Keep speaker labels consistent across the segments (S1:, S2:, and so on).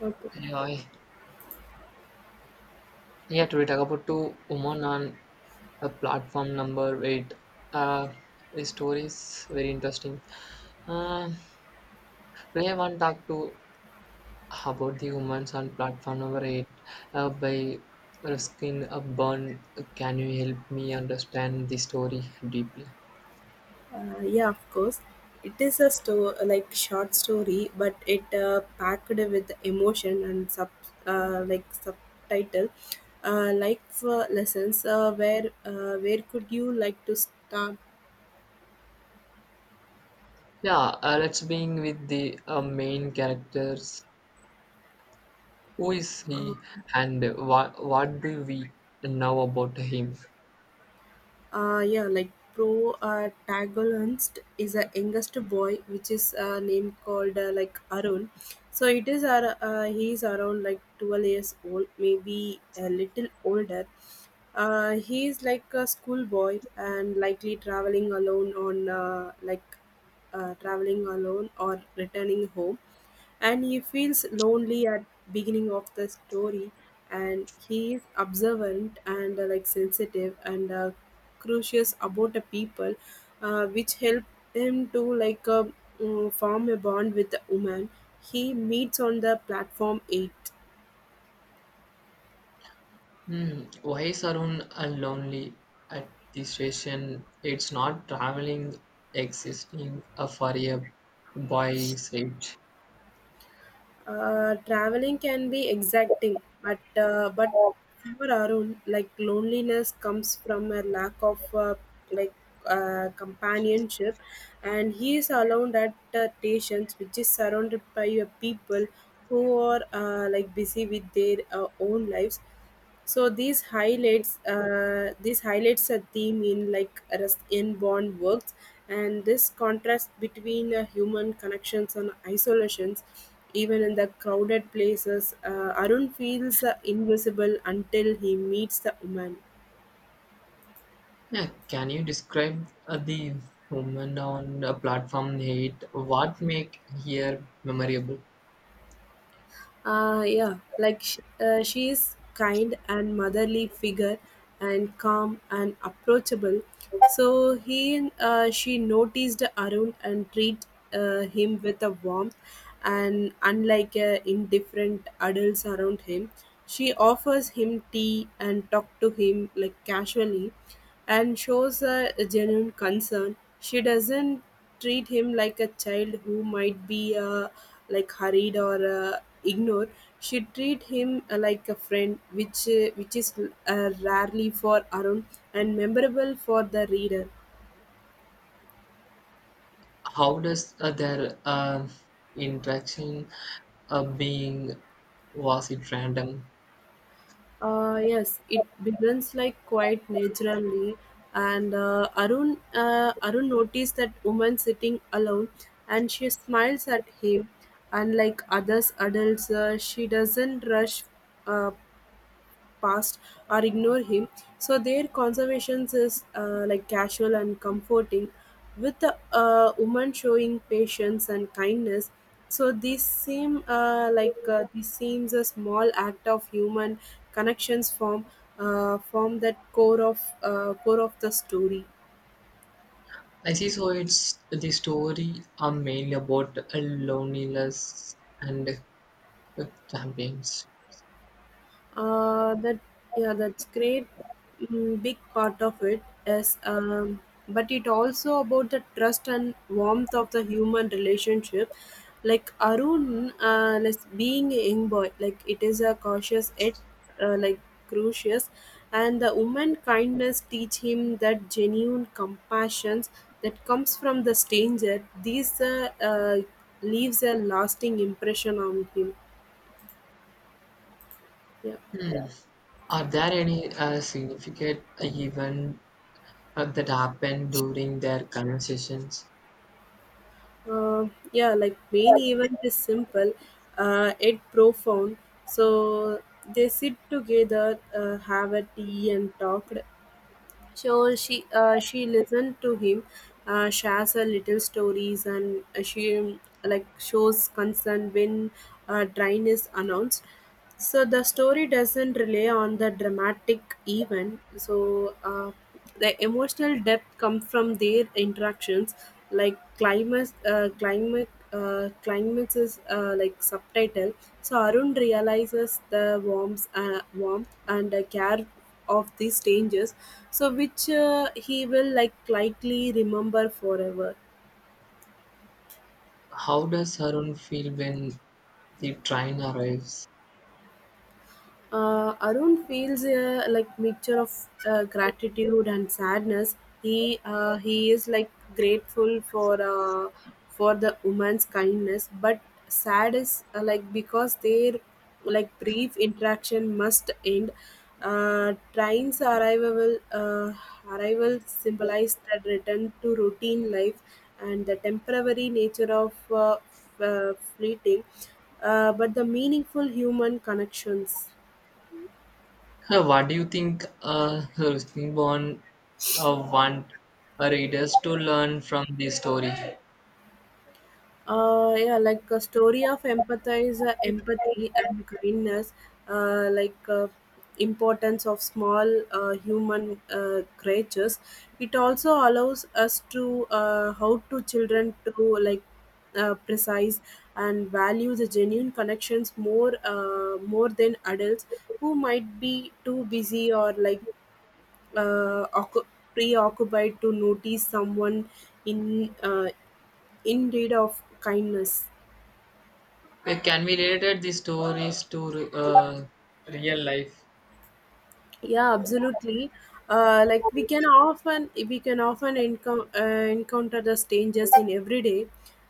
S1: But,
S2: Yeah, yeah. Today talk about two women on a platform number 8. Uh, the story is very interesting. Uh, Today I want to talk to about the women on platform number 8. By Ruskin Byrne. Can you help me understand the story deeply?
S1: yeah, of course. It is a like short story, but it packed with emotion and sub like subtitle, like for lessons. Where could you like to start?
S2: Yeah, let's begin with the main characters. Who is he, and what do we know about him?
S1: Yeah, like protagonist is a youngest boy, which is named called like Arun. So it is he is around like 12 years old, maybe a little older. He is like a schoolboy and likely traveling alone or returning home, and he feels lonely at beginning of the story, and he is observant and like sensitive and curious about the people which help him to form a bond with the woman he meets on the platform 8.
S2: Hmm. Why is Arun and lonely at the station? It's not traveling, existing for a boy's age.
S1: Traveling can be exacting, but for Arun, like loneliness comes from a lack of like companionship, and he is alone at the stations, which is surrounded by people who are like busy with their own lives. So these highlights a theme in like Rust in Bond works, and this contrast between human connections and isolations, even in the crowded places, Arun feels invisible until he meets the woman.
S2: Yeah, can you describe the woman on platform 8? What make here memorable?
S1: She is kind and motherly figure, and calm and approachable. So he and she noticed Arun and treat him with a warmth, and unlike indifferent adults around him, she offers him tea and talk to him like casually, and shows a genuine concern. She doesn't treat him like a child who might be like hurried or ignored. She treat him like a friend which is rarely for Arun and memorable for the reader.
S2: How does their interaction being was it random?
S1: Yes, it begins like quite naturally and Arun noticed that woman sitting alone, and she smiles at him. Unlike others adults, she doesn't rush uh, past or ignore him. So their conversations is like casual and comforting with a woman showing patience and kindness. So these seem like this seems a small act of human connections form that core of the story.
S2: I see. So it's the story are mainly about loneliness and with campaigns.
S1: That Yeah, that's great. Big part of it is, but it also about the trust and warmth of the human relationship. Like Arun, like being a young boy, like it is a cautious yet like crucious, and the woman kindness teach him that genuine compassion that comes from the stranger. These Leaves a lasting impression on him. Yeah.
S2: Hmm. Are there any significant event that happened during their conversations?
S1: Yeah, like main event is simple, yet profound. So they sit together, have a tea and talked. So she listened to him, shares her little stories, and she like shows concern when drain is announced. So the story doesn't rely on the dramatic event. The emotional depth comes from their interactions. Like climates is like subtitle. So Arun realizes the warmth and the care of these strangers, so which he will like likely remember forever.
S2: How does Arun feel when the train arrives?
S1: Arun feels like mixture of gratitude and sadness. He is like grateful for the woman's kindness, but sad is like because their like brief interaction must end. Trains arrival arrival symbolized that return to routine life and the temporary nature of fleeting, but the meaningful human connections.
S2: What do you think Rushdie want readers to learn from this story?
S1: Yeah like a story of empathize empathy and kindness, uh like uh, importance of small human creatures. It also allows us to how to children to precise and value the genuine connections more more than adults who might be too busy or like uh, occu- preoccupied to notice someone in uh, in need of kindness.
S2: Can we relate the stories to real life?
S1: Yeah, absolutely. We can often encounter the strangers in everyday.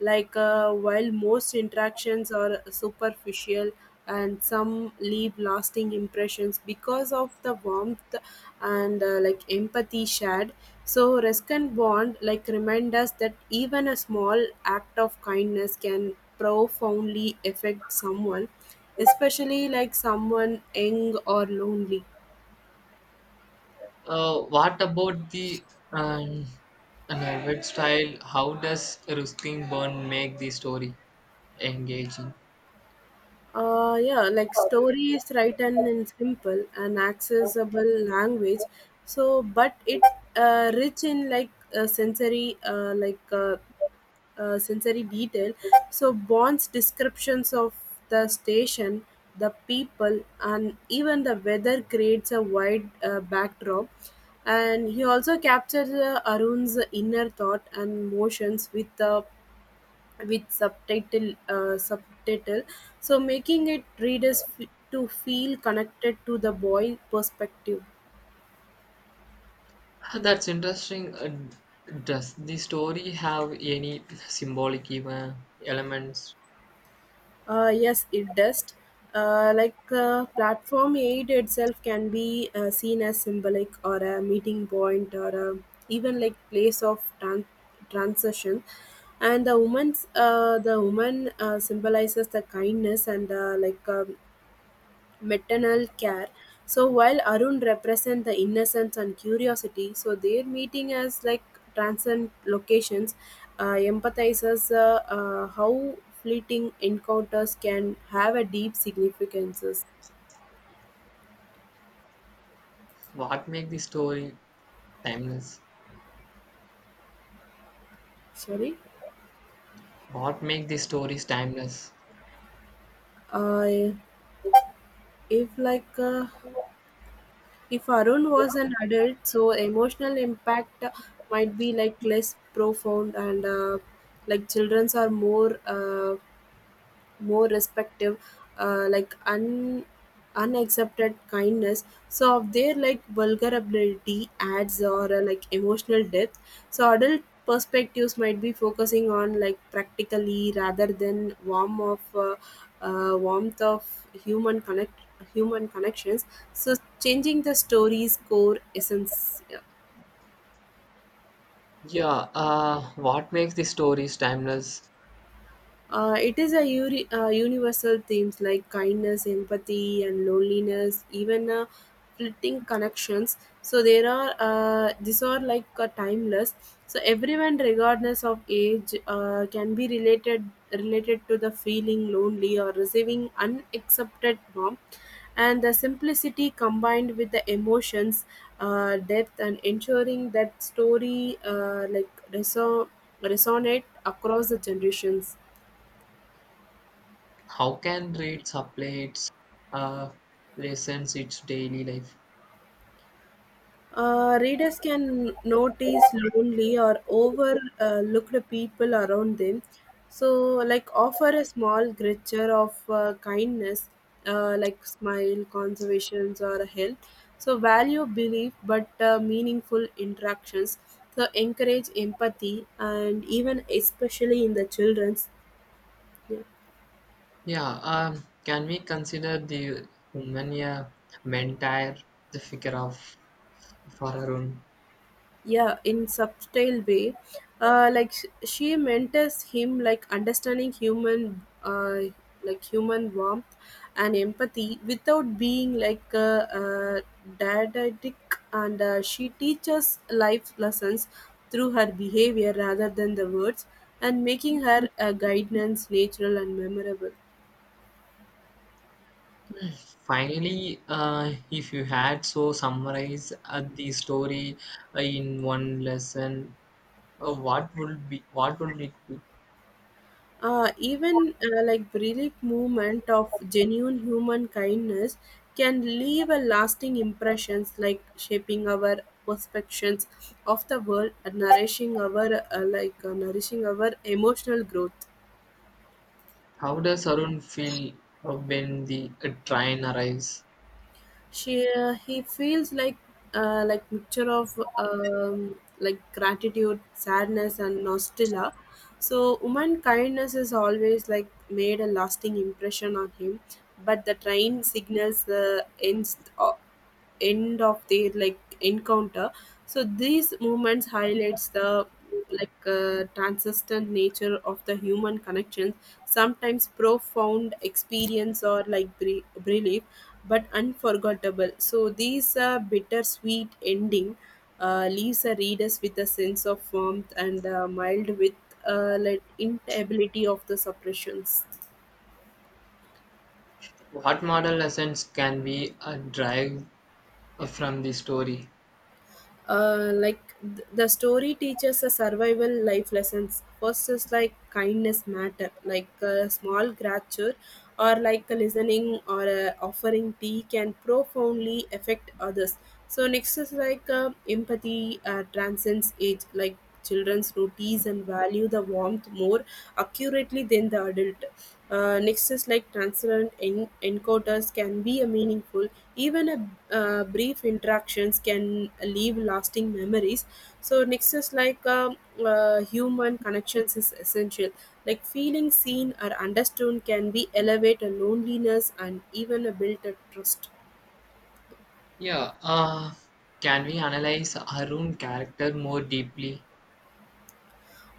S1: While most interactions are superficial and some leave lasting impressions because of the warmth and like empathy shared, so risk and bond like remind us that even a small act of kindness can profoundly affect someone, especially like someone young or lonely.
S2: What about the um, narrative style? How does Ruskin Bond make the story engaging?
S1: Yeah, like story is written in simple and accessible language. So, but it rich in uh, sensory, uh, like uh, sensory detail. So bonds descriptions of the station, the people, and even the weather creates a wide backdrop. And he also captures Arun's inner thought and emotions with the with subtitle, so making it readers to feel connected to the boy perspective.
S2: Ah, that's interesting. Does the story have any symbolic even elements?
S1: Yes, it does. Platform aid itself can be seen as symbolic or a meeting point or a, even like place of transition, and the woman symbolizes the kindness and maternal care. So while Arun represent the innocence and curiosity, so their meeting as like transcend locations empathizes how fleeting encounters can have a deep significances.
S2: What make the story timeless?
S1: Sorry.
S2: What make the stories timeless?
S1: uh, if if Arun was an adult, so emotional impact might be like less profound and like childrens are more. More respective like un unaccepted kindness, so of their like vulnerability adds or like emotional depth. So adult perspectives might be focusing on like practically rather than warmth of human connections, so changing the story's core essence.
S2: Yeah, what makes the stories timeless?
S1: It is a universal themes like kindness, empathy, and loneliness, even fleeting connections. So there are these are timeless. So everyone, regardless of age, can be related to the feeling lonely or receiving unaccepted norm. And the simplicity combined with the emotions, depth, and ensuring that story like resonate across the generations.
S2: How can reads apply its uh, lessons its daily life?
S1: Readers can notice lonely or overlooked people around them. So, like, offer a small gesture of kindness, like smile, conservations, or help. So, value belief but meaningful interactions. So, encourage empathy and even especially in the children's. Yeah.
S2: Yeah, can we consider the Humania Mentire, the figure of Fararun?
S1: Yeah, in subtle way, she mentors him like understanding human like human warmth and empathy without being didactic, and she teaches life lessons through her behavior rather than the words, and making her a guidance natural and memorable.
S2: Finally, if you had so summarize the story in one lesson, what would it be?
S1: Even like brief movement of genuine human kindness can leave a lasting impressions, like shaping our perceptions of the world and nourishing our emotional growth.
S2: How does Arun feel when the train arrives?
S1: She He feels like mixture of like gratitude, sadness, and nostalgia. So woman kindness is always like made a lasting impression on him, but the train signals the end of their like encounter. So these movements highlights the transcendent nature of the human connections. Sometimes profound experience or like belief, but unforgettable. So these bittersweet ending leaves the readers with a sense of warmth and mild with like inability of the suppressions.
S2: What moral lessons can we drive from the story?
S1: Like the story teaches a survival life lessons. First is like kindness matter, like a small gratitude or like a listening or a offering tea can profoundly affect others. So next is like empathy transcends age, like children's routines and value the warmth more accurately than the adult. Next is like transparent encoders can be a meaningful. Even a brief interactions can leave lasting memories. So next is human connections is essential. Like feeling seen or understood can be elevate a loneliness and even a built a trust.
S2: Yeah, can we analyze Arun character more deeply?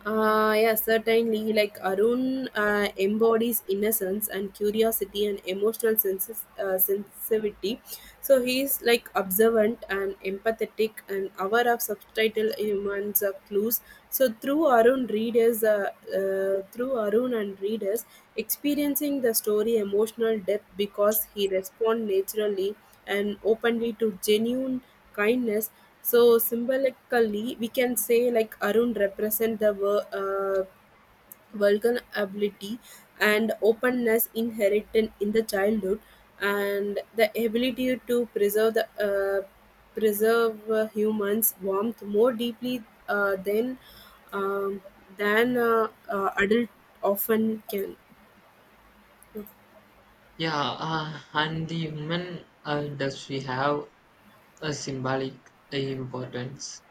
S1: Yeah, certainly. Like Arun embodies innocence and curiosity and emotional sensitivity. So he's like observant and empathetic and aware of subtitle humans clues. So through Arun and readers experiencing the story emotional depth because he responds naturally and openly to genuine kindness. So symbolically, we can say like Arun represent the vulnerability and openness inherited in the childhood, and the ability to preserve humans' warmth more deeply than um, adult often can.
S2: Yeah, and the human industry have a symbolic importance.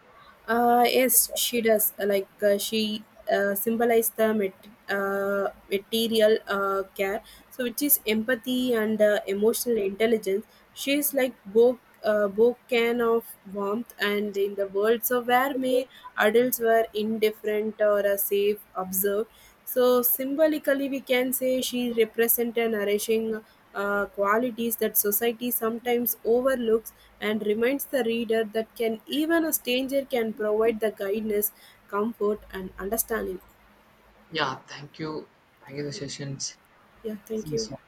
S1: Yes, she does. Like she symbolizes the material care, so which is empathy and emotional intelligence. She is like both can of warmth and in the world. So where may adults were indifferent or safe observed. So symbolically, we can say she represents nourishing qualities that society sometimes overlooks and reminds the reader that can even a stranger can provide the guidance, comfort, and understanding.
S2: Yeah, thank you. Thank you, the sessions.
S1: Yeah, thank you.
S2: So,